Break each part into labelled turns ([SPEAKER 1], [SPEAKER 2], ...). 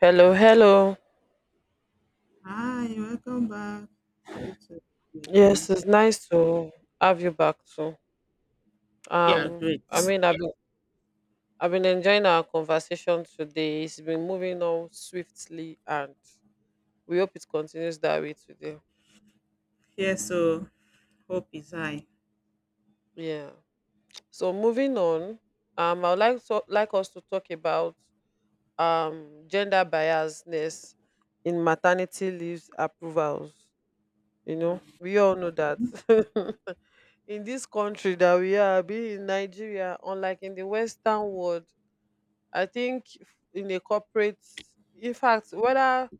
[SPEAKER 1] Hello, hello.
[SPEAKER 2] Hi, welcome back. It's good to see you
[SPEAKER 1] Yes,
[SPEAKER 2] again.
[SPEAKER 1] it's nice to have you back too.
[SPEAKER 2] Yeah,
[SPEAKER 1] Um,
[SPEAKER 2] great.
[SPEAKER 1] I mean, I've been enjoying our conversation today. It's been moving on swiftly, and we hope it continues that way today.
[SPEAKER 2] Yeah, so hope is high.
[SPEAKER 1] Yeah. So moving on, I would like to like us to talk about gender biasness in maternity leaves approvals. You
[SPEAKER 2] Mm,
[SPEAKER 1] know, we all know that. In this country that we are be in Nigeria, unlike in the western world, I think in a corporate, in fact, whether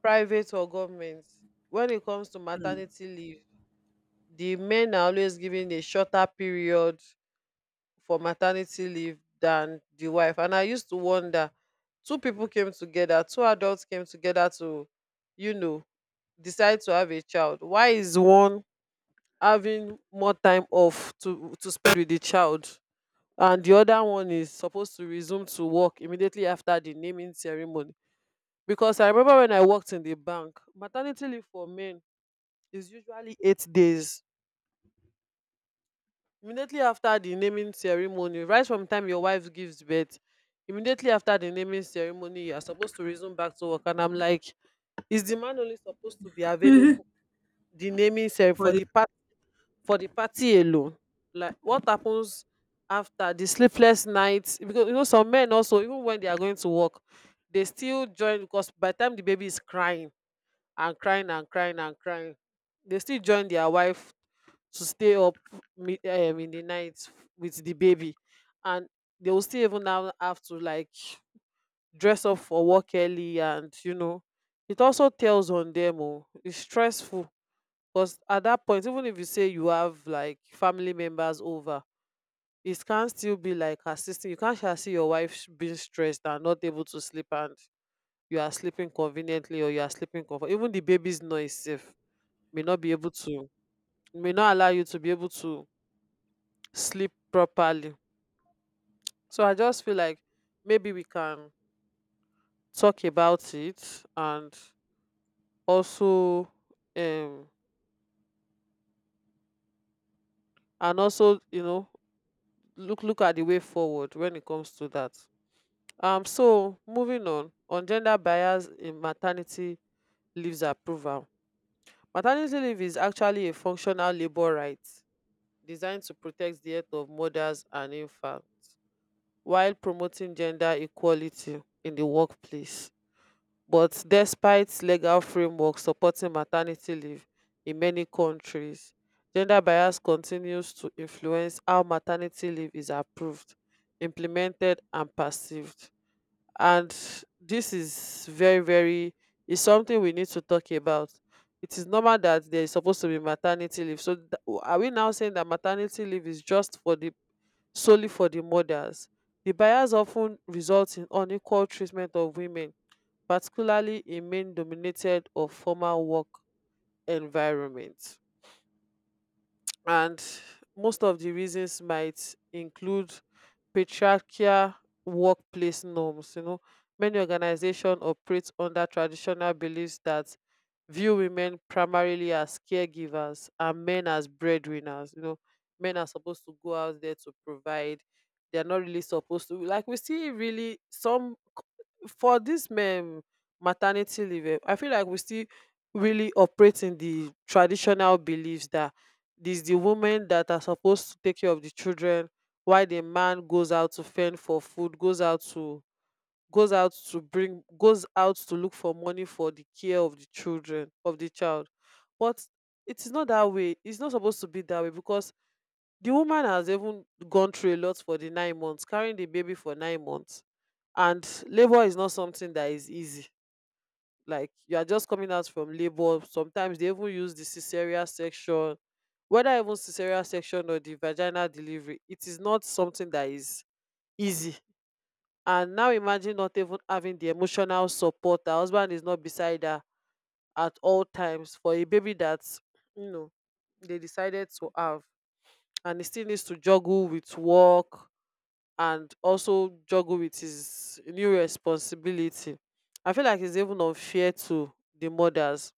[SPEAKER 1] private or government, when it comes to maternity leave, the men are always given a shorter period for maternity leave than the wife. And I used to wonder, two people came together, two adults came together to, you know, decide to have a child. Why is one having more time off to spend with the child, and the other one is supposed to resume to work immediately after the naming ceremony? Because I remember when I worked in the bank, maternity leave for men is usually 8 days. Immediately after the naming ceremony, right from the time your wife gives birth, immediately after the naming ceremony, you are supposed to resume back to work. And I'm like, is the man only supposed to be
[SPEAKER 2] mm.
[SPEAKER 1] available the naming ceremony
[SPEAKER 2] For
[SPEAKER 1] for
[SPEAKER 2] the-
[SPEAKER 1] the for the party alone? Like, what happens after the sleepless nights? Because you know, some men also, even when they are going to work, they still join. Because by the time the baby is crying and crying and crying and crying, they still join their wife to stay up in the night with the baby. And they will still even now have to, like, dress up for work early. And you know, it also tells on them. Oh, it's stressful. Because at that point, even if you say you have like family members over, it can still be like assisting. You can't just see your wife being stressed and not able to sleep, and you are sleeping conveniently or you are sleeping comfort. Even the baby's noise safe may not be able to may not allow you to be able to sleep properly. So I just feel like maybe we can talk about it, and also um and also, you know, look at the way forward when it comes to that. So moving on gender bias in maternity leaves approval. Maternity leave is actually a functional labor right designed to protect the health of mothers and infants while promoting gender equality in the workplace. But despite legal framework supporting maternity leave in many countries, gender bias continues to influence how maternity leave is approved, implemented and perceived. And this is very very is something we need to talk about. It is normal that there is supposed to be maternity leave, are we now saying that maternity leave is just for the solely for the mothers? The bias often results in unequal treatment of women, particularly in men dominated or formal work environments. And most of the reasons might include patriarchal workplace norms. You know, many organizations operate under traditional beliefs that view women primarily as caregivers and men as breadwinners. You know, men are supposed to go out there to provide. They are not really supposed to, like, we see really some for this men maternity leave, eh, I feel like we still really operate in the traditional beliefs that this the women that are supposed to take care of the children while the man goes out to fend for food, goes out to look for money for the care of the children of the child. But it is not that way. It's not supposed to be that way because the woman has even gone through a lot for the 9 months, carrying the baby for 9 months. And labor is not something that is easy. Like you are just coming out from labor, sometimes they even use the cesarean section, whether even cesarean section or the vaginal delivery, it is not something that is easy. And now imagine not even having the emotional support. Her husband is not beside her at all times for a baby that, you know, they decided to have. And he still needs to juggle with work and also juggle with his new responsibility. I feel like it's even unfair to the mothers.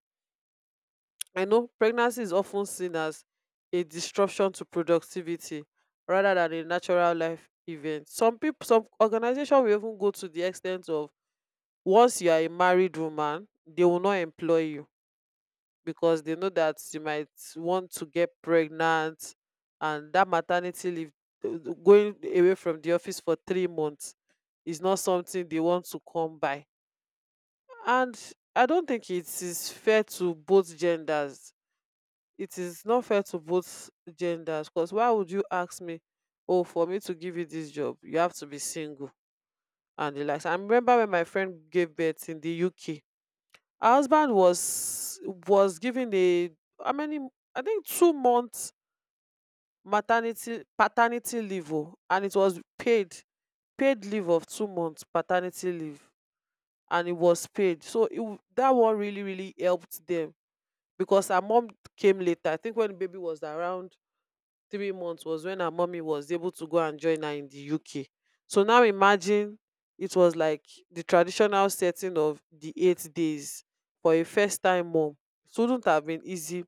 [SPEAKER 1] I know pregnancy is often seen as a disruption to productivity rather than a natural life event. Some people, some organization will even go to the extent of, once you are a married woman, they will not employ you because they know that you might want to get pregnant, and that maternity leave, going away from the office for 3 months, is not something they want to come by. And I don't think it is fair to both genders. It is not fair to both genders, because why would you ask me, oh, for me to give you this job you have to be single and the likes? I remember when my friend gave birth in the UK, her husband was given a how many I think 2 months maternity paternity leave. Oh, and it was paid. Paid leave of 2 months paternity leave. And it was paid, so that one really really helped them. Because her mom came later, I think when the baby was around 3 months was when her mommy was able to go and join her in the UK. So now imagine it was like the traditional setting of the 8 days for a first time mom. It wouldn't have been easy.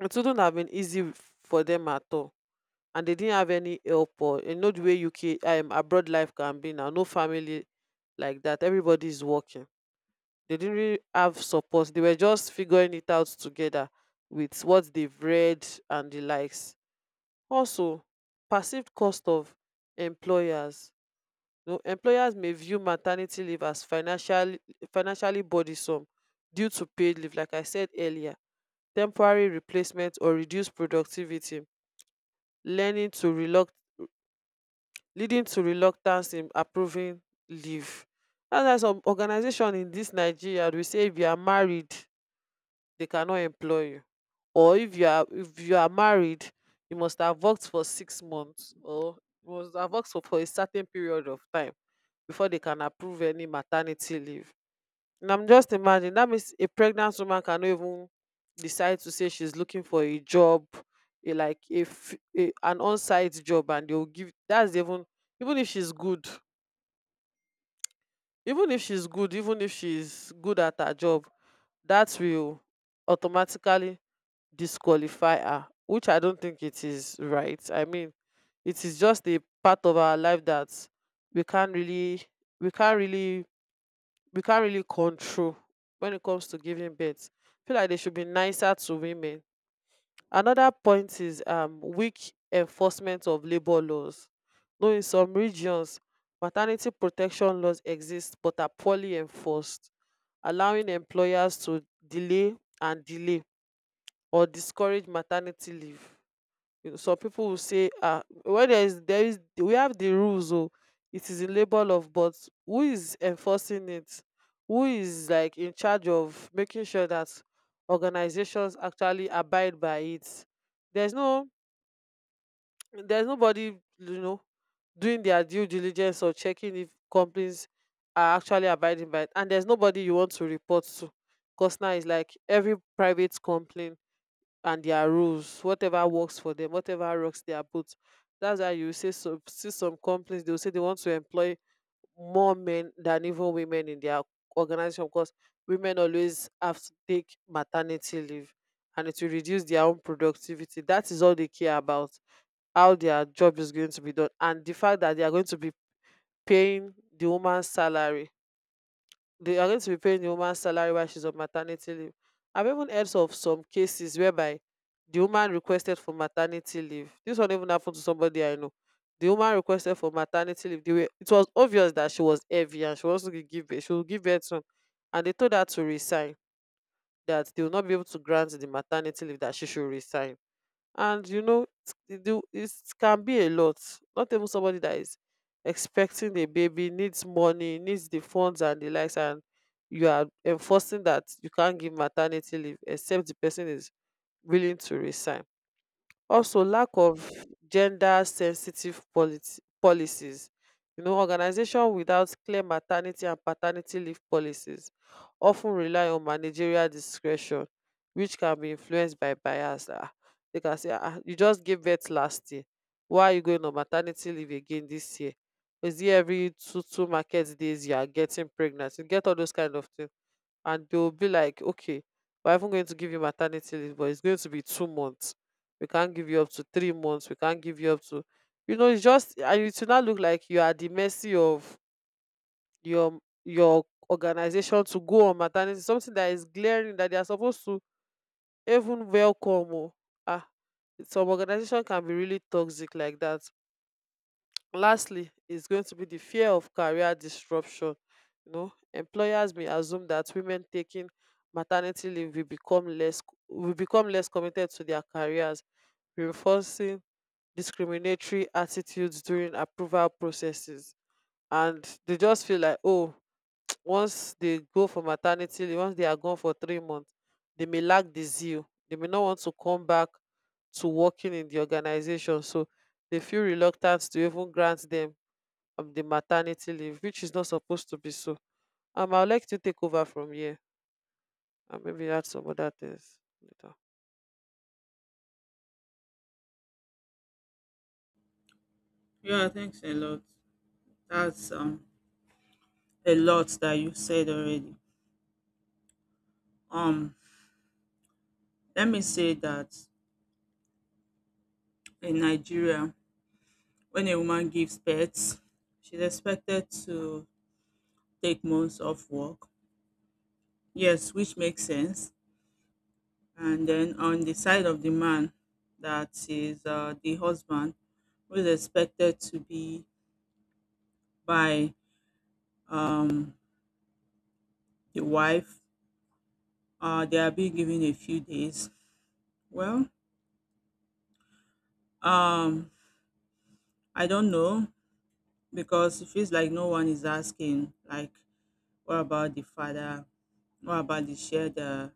[SPEAKER 1] It wouldn't have been easy for them at all. And they didn't have any help, or you know the way UK, abroad life can be now. No family like that. Everybody is working. They didn't really have support. They were just figuring it out together with what they've read and the likes. Also, perceived cost of employers. You know, employers may view maternity leave as financially burdensome due to paid leave, like I said earlier, temporary replacement or reduced productivity, learning to reluct leading to reluctance in approving leave. That's why some organization in dis Nigeria dey say if you are married, they cannot employ you. Or if you are married, you must have worked for 6 months, or you must have worked for a certain period of time before they can approve any maternity leave. And I'm just imagining that means a pregnant woman cannot even decide to say she's looking for a job, like if a an on-site job and they'll give, that's even, even if she's good even if she's good at her job, that will automatically disqualify her. Which I don't think it is right. I mean, it is just a part of our life that we can't really, we can't really, we can't really control when it comes to giving birth. I feel like they should be nicer to women. Another point is weak enforcement of labor laws. Though in some regions, maternity protection laws exist but are poorly enforced, allowing employers to delay and delay or discourage maternity leave. You know, some people will say, ah, where there is, we have the rules, oh, it is a label of, but who is enforcing it? Who is like in charge of making sure that organizations actually abide by it? There's no, there's nobody, you know, doing their due diligence or checking if companies are actually abiding by it. And there's nobody you want to report to, because now it's like every private company and their rules, whatever works for them, whatever rocks their boat. That's why you say some companies they'll say they want to employ more men than even women in their organization. Because women always have to take maternity leave and it will reduce their own productivity. That is all they care about, how their job is going to be done and the fact that they are going to be paying the woman's salary. They are going to be paying the woman salary while she's on maternity leave. I've even heard of some cases whereby the woman requested for maternity leave. This one even happened to somebody I know. The woman requested for maternity leave. It was obvious that she was heavy and she wants to give birth. She will give birth soon. And they told her to resign, that they will not be able to grant the maternity leave, that she should resign. And you know it can be a lot. Not even somebody that is expecting a baby needs money, needs the funds and the likes, and you are enforcing that you can't give maternity leave except the person is willing to resign. Also, lack of gender sensitive policies. You know, organization without clear maternity and paternity leave policies often rely on managerial discretion, which can be influenced by bias. They can say, you just gave birth last year. Why are you going on maternity leave again this year? Is it every two market days you are getting pregnant? You get all those kind of things and they will be like, okay, we're even going to give you maternity leave, but it's going to be 2 months. We can't give you up to 3 months, we can't give you up to, you know, it's just, and it will not look like you are at the mercy of your your organization to go on maternity, something that is glaring that they are supposed to even welcome. Oh ah some organization can be really toxic like that. Lastly is going to be the fear of career disruption. You know, employers may assume that women taking maternity leave will become less, committed to their careers, reinforcing discriminatory attitudes during approval processes. And they just feel like, oh, once they go for maternity leave, once they are gone for 3 months, they may lack the zeal, they may not want to come back to working in the organization, so they feel reluctant to even grant them of the maternity leave, which is not supposed to be so. I'd like to take over from here and maybe add some other things later.
[SPEAKER 2] yeah, thanks a lot. That's a lot that you said already. Um, Let me say that in Nigeria, when a woman gives birth, she's expected to take months off work. Yes, which makes sense. And then on the side of the man, that is the husband, who is expected to be by um, the wife, they are being given a few days. Well, um, I don't know because it feels like no one is asking, like, what about the father? What about the shared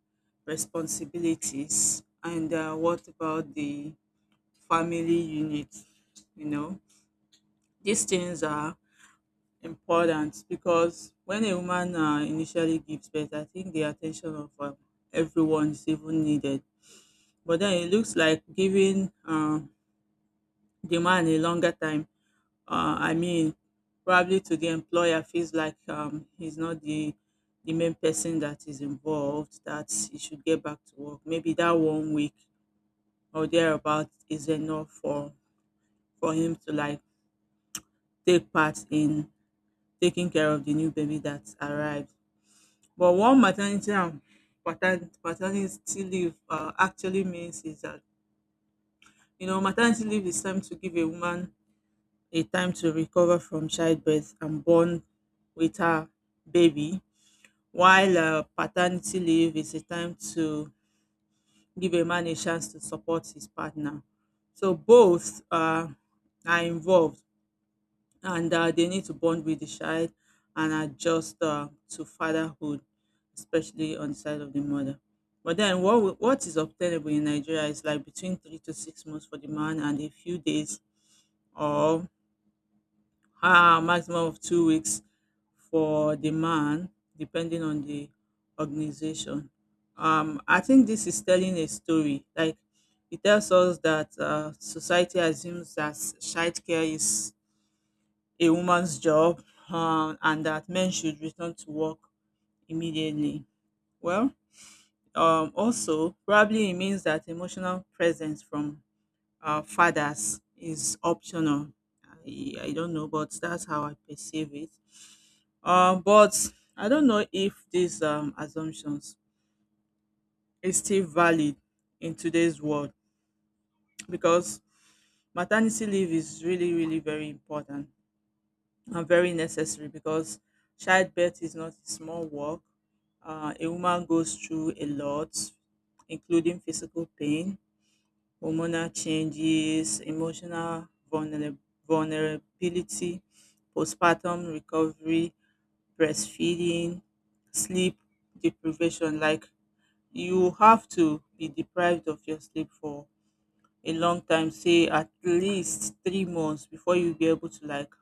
[SPEAKER 2] responsibilities? And what about the family unit? You know, these things are important because when a woman initially gives birth, I think the attention of everyone is even needed. But then it looks like giving the man a longer time. I mean, probably to the employer feels like he's not the main person that is involved. That he should get back to work. Maybe that 1 week or thereabout is enough for him to like take part in taking care of the new baby that arrived. But what maternity and paternity leave actually means is that, you know, maternity leave is time to give a woman a time to recover from childbirth and bond with her baby, while paternity leave is a time to give a man a chance to support his partner. So both are involved, and they need to bond with the child and adjust to fatherhood, especially on the side of the mother. But then, what is obtainable in Nigeria is like between 3 to 6 months for the man and a few days or a maximum of 2 weeks for the man, depending on the organization. I think this is telling a story. Like it tells us that society assumes that childcare is a woman's job, and that men should return to work immediately. Well, also, probably it means that emotional presence from fathers is optional. I don't know, but that's how I perceive it. But I don't know if these assumptions is still valid in today's world because maternity leave is really, really very important, are very necessary because childbirth is not a small work. A woman goes through a lot, including physical pain, hormonal changes, emotional vulnerability, postpartum recovery, breastfeeding, sleep deprivation. Like you have to be deprived of your sleep for a long time, say at least 3 months before you be able to like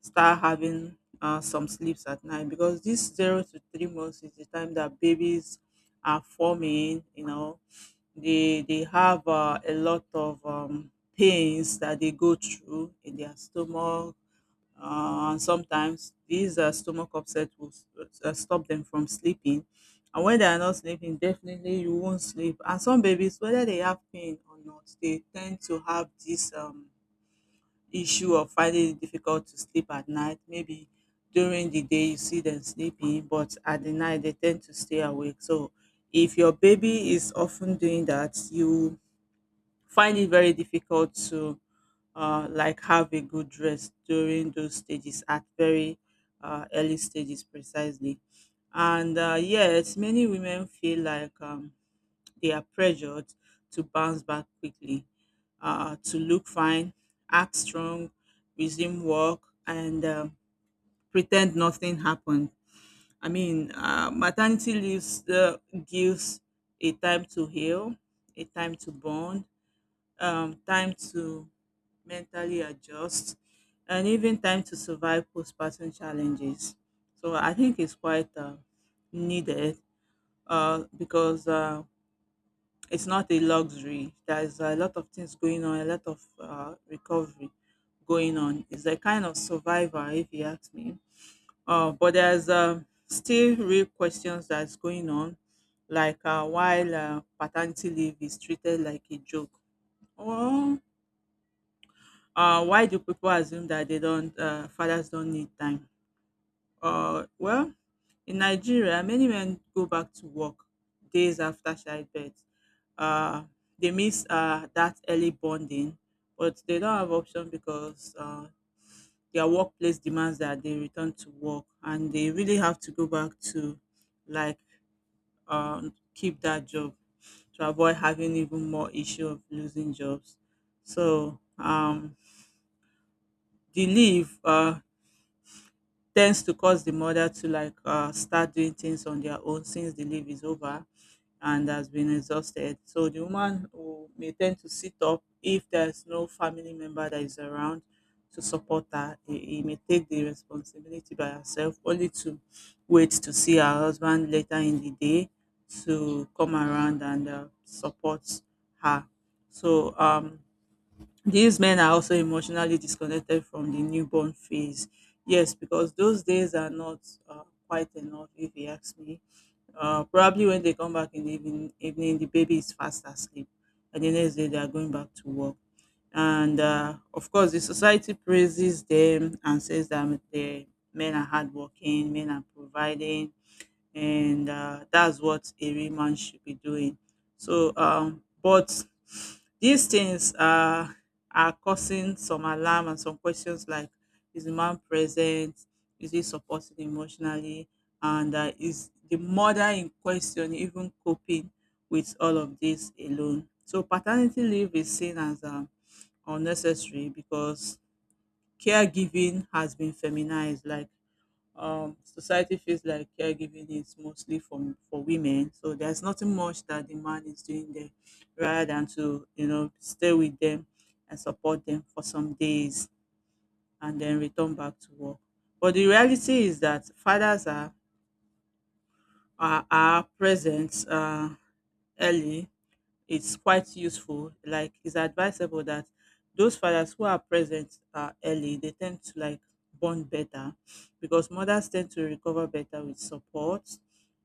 [SPEAKER 2] start having some sleeps at night because this 0 to 3 months is the time that babies are forming, you know, they have a lot of pains that they go through in their stomach, and sometimes these stomach upset stop them from sleeping. And when they are not sleeping, definitely you won't sleep. And some babies, whether they have pain or not, they tend to have this issue of finding it difficult to sleep at night. Maybe during the day you see them sleeping, but at the night they tend to stay awake. So if your baby is often doing that, you find it very difficult to like have a good rest during those stages at very early stages precisely. And yes, many women feel like they are pressured to bounce back quickly, to look fine, act strong, resume work, and pretend nothing happened. I mean, maternity leaves gives a time to heal, a time to bond, time to mentally adjust, and even time to survive postpartum challenges. So I think it's quite needed, because it's not a luxury. There's a lot of things going on, a lot of recovery going on. It's a kind of survivor, if you ask me. But there's still real questions that's going on, like while paternity leave is treated like a joke. Or why do people assume that they don't fathers don't need time? Well, in Nigeria, many men go back to work days after childbirth. Uh, they miss that early bonding, but they don't have option because their workplace demands that they return to work, and they really have to go back to like keep that job to avoid having even more issue of losing jobs. So the leave tends to cause the mother to like start doing things on their own since the leave is over and has been exhausted. So the woman will, may tend to sit up if there's no family member that is around to support her. He may take the responsibility by herself, only to wait to see her husband later in the day to come around and support her. So these men are also emotionally disconnected from the newborn phase. Yes, because those days are not quite enough, if you ask me. Probably when they come back in the evening, the baby is fast asleep, and the next day they are going back to work. And of course, the society praises them and says that the men are hardworking, men are providing, and that's what a real man should be doing. So, but these things are causing some alarm and some questions like, is the man present? Is he supporting emotionally? And is the mother in question even coping with all of this alone? So, paternity leave is seen as unnecessary because caregiving has been feminized. Like society feels like caregiving is mostly for women, so there's nothing much that the man is doing there, rather than to you know stay with them and support them for some days and then return back to work. But the reality is that fathers are are present early, it's quite useful. Like it's advisable that those fathers who are present early, they tend to like bond better because mothers tend to recover better with support.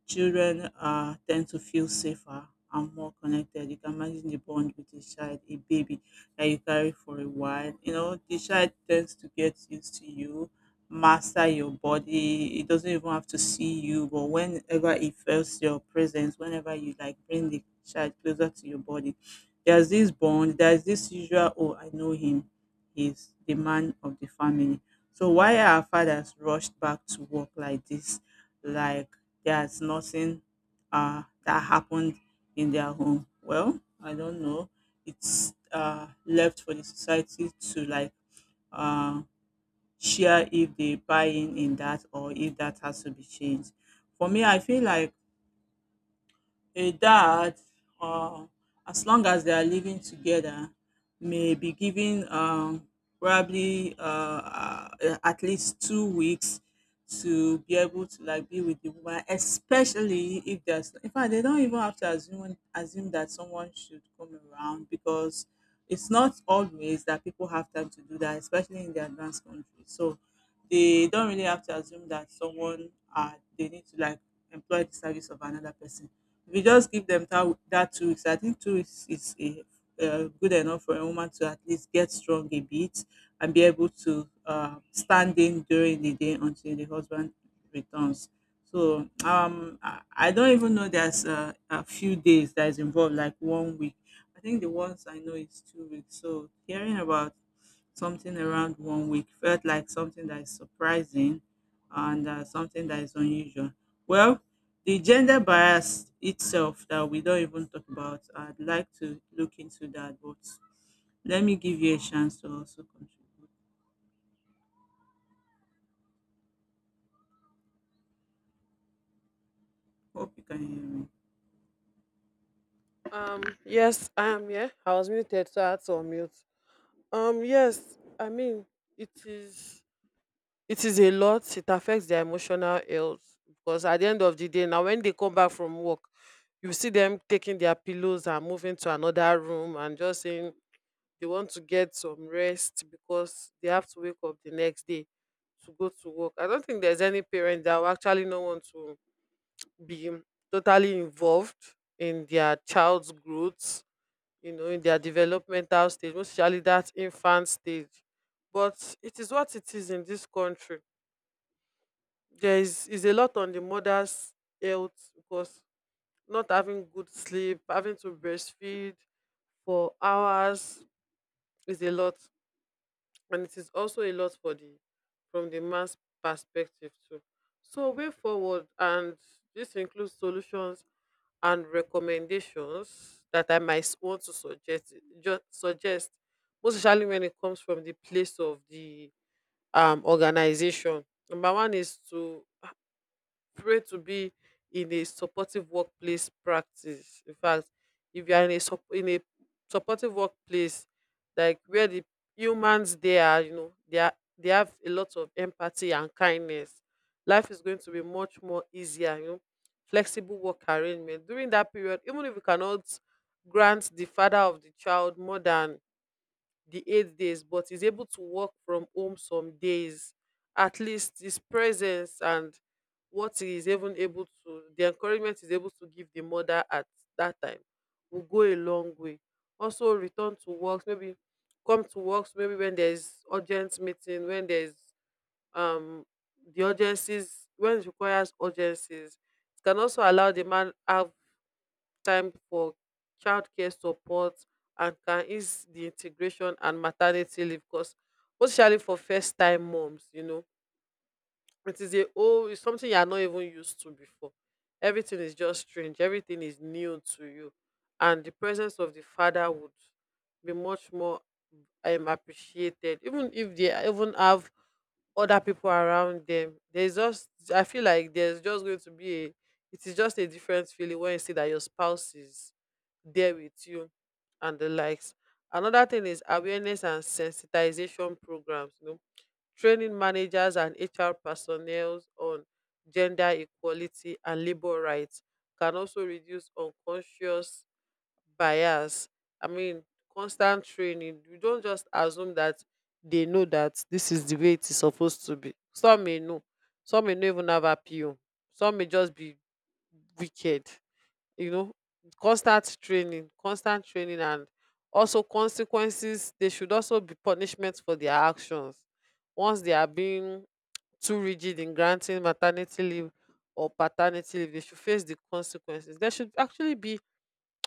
[SPEAKER 2] Children tend to feel safer and more connected. You can imagine the bond with a child, a baby that you carry for a while. You know, the child tends to get used to you, master your body. It doesn't even have to see you, but whenever it feels your presence, whenever you like bring the child closer to your body, there's this bond, there's this usual, oh, I know him. He's the man of the family. So why are our fathers rushed back to work like this? Like there's nothing that happened in their home. Well, I don't know. It's left for the society to like um share if they buy in that or if that has to be changed. For me, I feel like a dad, or as long as they are living together, may be given probably at least 2 weeks to be able to like be with the woman, especially if there's. In fact, they don't even have to assume that someone should come around because it's not always that people have time to do that, especially in the advanced countries. So they don't really have to assume that someone they need to like employ the service of another person. If you just give them that 2 weeks, I think 2 weeks is a good enough for a woman to at least get strong a bit and be able to stand in during the day until the husband returns. So um, I don't even know there's a few days that is involved, like 1 week. I think the ones I know is 2 weeks. So hearing about something around 1 week felt like something that is surprising and something that is unusual. Well, the gender bias itself that we don't even talk about, I'd like to look into that, but let me give you a chance to also contribute. Hope you can hear me.
[SPEAKER 1] Yes, I am. Yeah, I was muted, so I had to unmute. Yes, I mean it is. It is a lot. It affects their emotional health, because at the end of the day, now when they come back from work, you see them taking their pillows and moving to another room and just saying they want to get some rest because they have to wake up the next day to go to work. I don't think there's any parent that will actually not want to be totally involved in their child's growth, you know, in their developmental stage, most especially that infant stage. But it is what it is in this country. There is a lot on the mother's health, because not having good sleep, having to breastfeed for hours is a lot. And it is also a lot for the from the man's perspective too. So, way forward, and this includes solutions and recommendations that I might want to suggest, just suggest, most especially when it comes from the place of the organization. Number one is to pray to be in a supportive workplace practice. In fact, if you are in a supportive workplace, like where the humans, they are, you know, they have a lot of empathy and kindness. Life is going to be much more easier, you know. Flexible work arrangement during that period, even if you cannot grant the father of the child more than the 8 days, but is able to work from home some days, at least his presence and what he is even able to, the encouragement he's able to give the mother at that time, will go a long way. Also, return to work maybe come to work maybe when there's urgent meeting, when there's um the urgencies, when it requires urgencies. It can also allow the man have time for childcare support, and can ease the integration and maternity leave, because especially for first time moms, you know, it is a oh, it's something you are not even used to before. Everything is just strange, everything is new to you, and the presence of the father would be much more appreciated, even if they even have other people around them. There's just, I feel like, there's just going to be a it is just a different feeling when you see that your spouse is there with you and the likes. Another thing is awareness and sensitization programs. You know, training managers and HR personnel on gender equality and labor rights can also reduce unconscious bias. I mean, constant training. You don't just assume that they know that this is the way it is supposed to be. Some may know, some may not even have appeal, some may just be wicked, you know. Constant training, and also consequences. They should also be punishment for their actions once they are being too rigid in granting maternity leave or paternity leave. They should face the consequences. There should actually be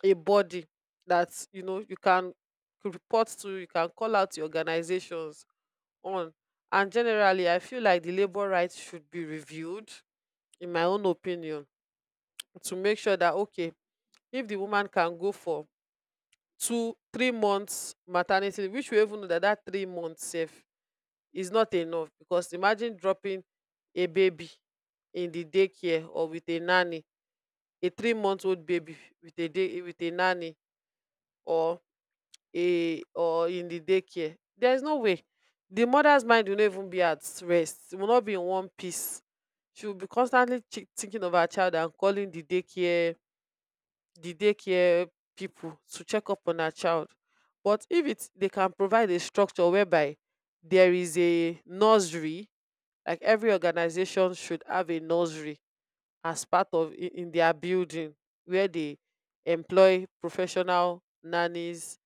[SPEAKER 1] a body that, you know, you can report to, you can call out the organizations on. And generally, I feel like the labor rights should be reviewed, in my own opinion, to make sure that, okay, if the woman can go for 2-3 months maternity leave, which we even know that 3 months safe is not enough, because imagine dropping a baby in the daycare or with a nanny. A 3 month old baby with a nanny, or a or in the daycare. There's no way. The mother's mind will not even be at rest. It will not be in one piece. She will be constantly thinking of her child and calling the daycare people to check up on her child. But if it's they can provide a structure whereby there is a nursery, like every organization should have a nursery as part of, in their building, where they employ professional nannies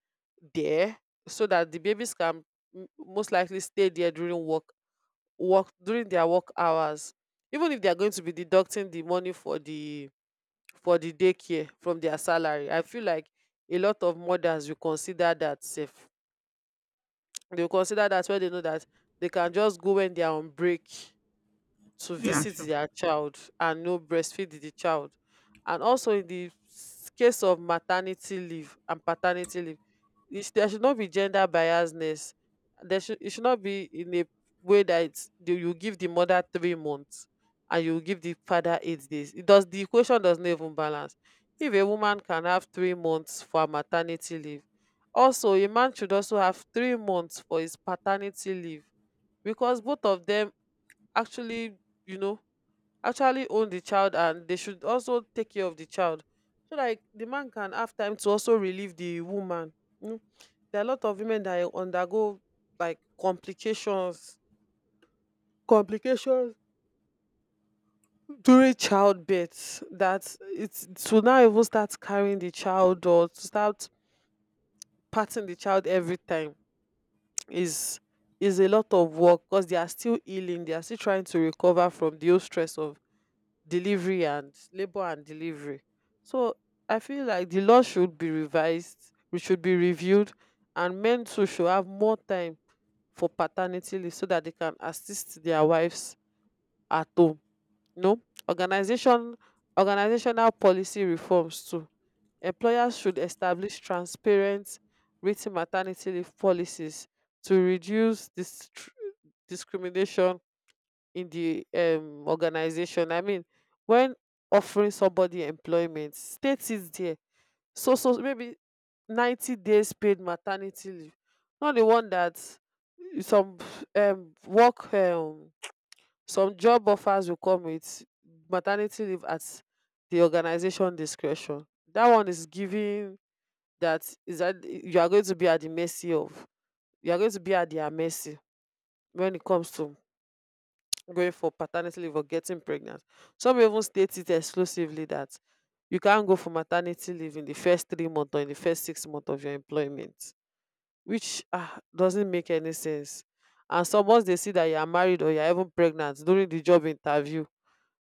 [SPEAKER 1] there, so that the babies can most likely stay there during work, during their work hours. Even if they are going to be deducting the money for the daycare from their salary, I feel like a lot of mothers will consider that safe. They will consider that, where they know that they can just go when they are on break to
[SPEAKER 2] Yeah,
[SPEAKER 1] visit
[SPEAKER 2] sure.
[SPEAKER 1] their child and no breastfeed the child. And also, case of maternity leave and paternity leave, there should not be gender biasness. There should It should not be in a way that you give the mother 3 months and you give the father 8 days. It does The equation does not even balance. If a woman can have 3 months for her maternity leave, also a man should also have 3 months for his paternity leave, because both of them, actually, you know, actually own the child, and they should also take care of the child. So like the man can have time to also relieve the woman. You There are a lot of women that undergo, like, complications during childbirth, that it's to now even start carrying the child or to start patting the child every time is is a lot of work, because they are still healing, they are still trying to recover from the whole stress of delivery, and labor and delivery. So I feel like the law should be revised, we should be reviewed, and men too should have more time for paternity leave so that they can assist their wives at home, you know. organization Organizational policy reforms too. Employers should establish transparent, written maternity leave policies to reduce this discrimination in the organization. I mean, when offering somebody employment, state is there. So maybe 90 days paid maternity leave. Not the one that some, um, work, um, some job offers will come with maternity leave at the organization discretion. That one is giving that is that, you are going to be at the mercy of, you are going to be at their mercy when it comes to going for paternity leave or getting pregnant. Some even state it exclusively that you can't go for maternity leave in the first 3 months or in the first 6 months of your employment, which, doesn't make any sense. And some, once they see that you are married or you are even pregnant during the job interview,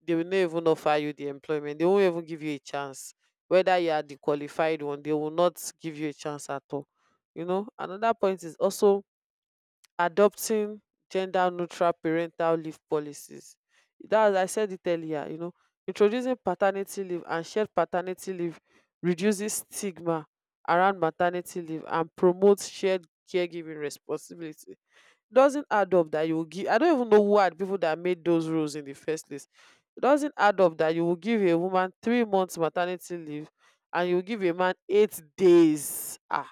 [SPEAKER 1] they will not even offer you the employment. They won't even give you a chance. Whether you are the qualified one, they will not give you a chance at all. You know, another point is also adopting gender neutral parental leave policies, that I said it earlier. You know, introducing paternity leave and shared paternity leave reduces stigma around maternity leave and promotes shared caregiving responsibility. Doesn't add up that you will give, I don't even know who are the people that made those rules in the first place. It doesn't add up that you will give a woman 3 months maternity leave and you will give a man 8 days,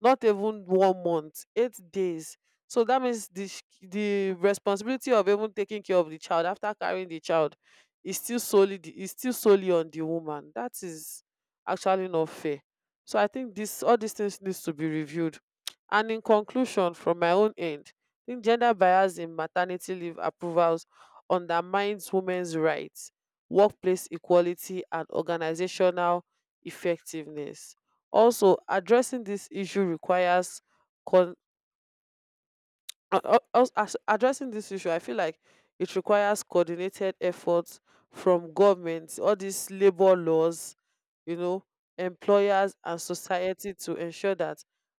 [SPEAKER 1] not even one month, 8 days. So that means the responsibility of even taking care of the child after carrying the child is still is still solely on the woman. That is actually not fair. So I think this, all these things needs to be reviewed. And in conclusion, from my own end, I think gender bias in maternity leave approvals undermines women's rights, workplace equality, and organizational effectiveness. Also, addressing this issue requires, as addressing this issue, I feel like, it requires coordinated efforts from governments, all these labor laws, you know, employers and society to ensure that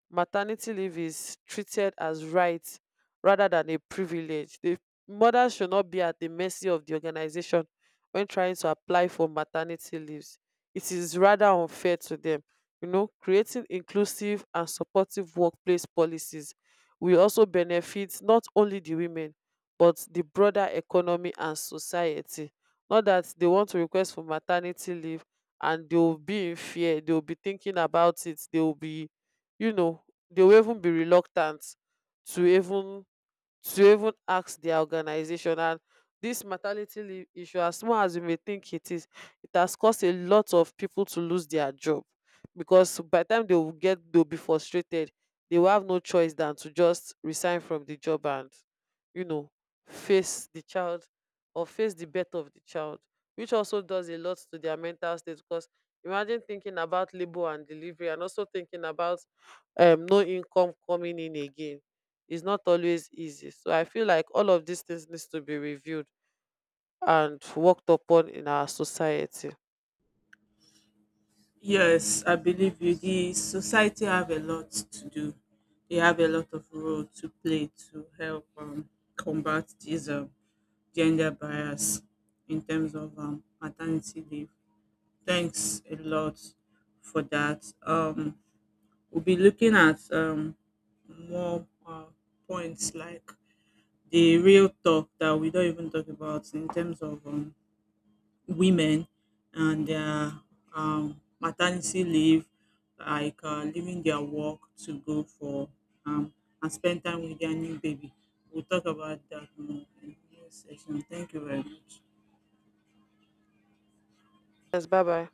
[SPEAKER 1] maternity leave is treated as right rather than a privilege. The mothers should not be at the mercy of the organization when trying to apply for maternity leaves. It is rather unfair to them, you know. Creating inclusive and supportive workplace policies will also benefit not only the women but the broader economy and society. Not that they want to request for maternity leave and they will be in fear, they will be thinking about it, they will be, you know, they will even be reluctant to even to even ask their organization. And this maternity leave issue, as small as you may think it is, it has caused a lot of people to lose their job, because by the time they will get, they'll be frustrated, they will have no choice than to just resign from the job and, you know, face the child or face the birth of the child, which also does a lot to their mental state, because imagine thinking about labor and delivery and also thinking about, no income coming in again, is not always easy. So I feel like all of these things needs to be reviewed and worked upon in our society.
[SPEAKER 2] Yes, I believe you. The society have a lot to do. They have a lot of role to play to help combat this gender bias in terms of maternity leave. Thanks a lot for that. We'll be looking at more points like the real talk that we don't even talk about in terms of women and their maternity leave, like leaving their work to go for um, and spend time with their new baby. We'll talk about that more in the next session. Thank you very much.
[SPEAKER 1] Yes, bye bye.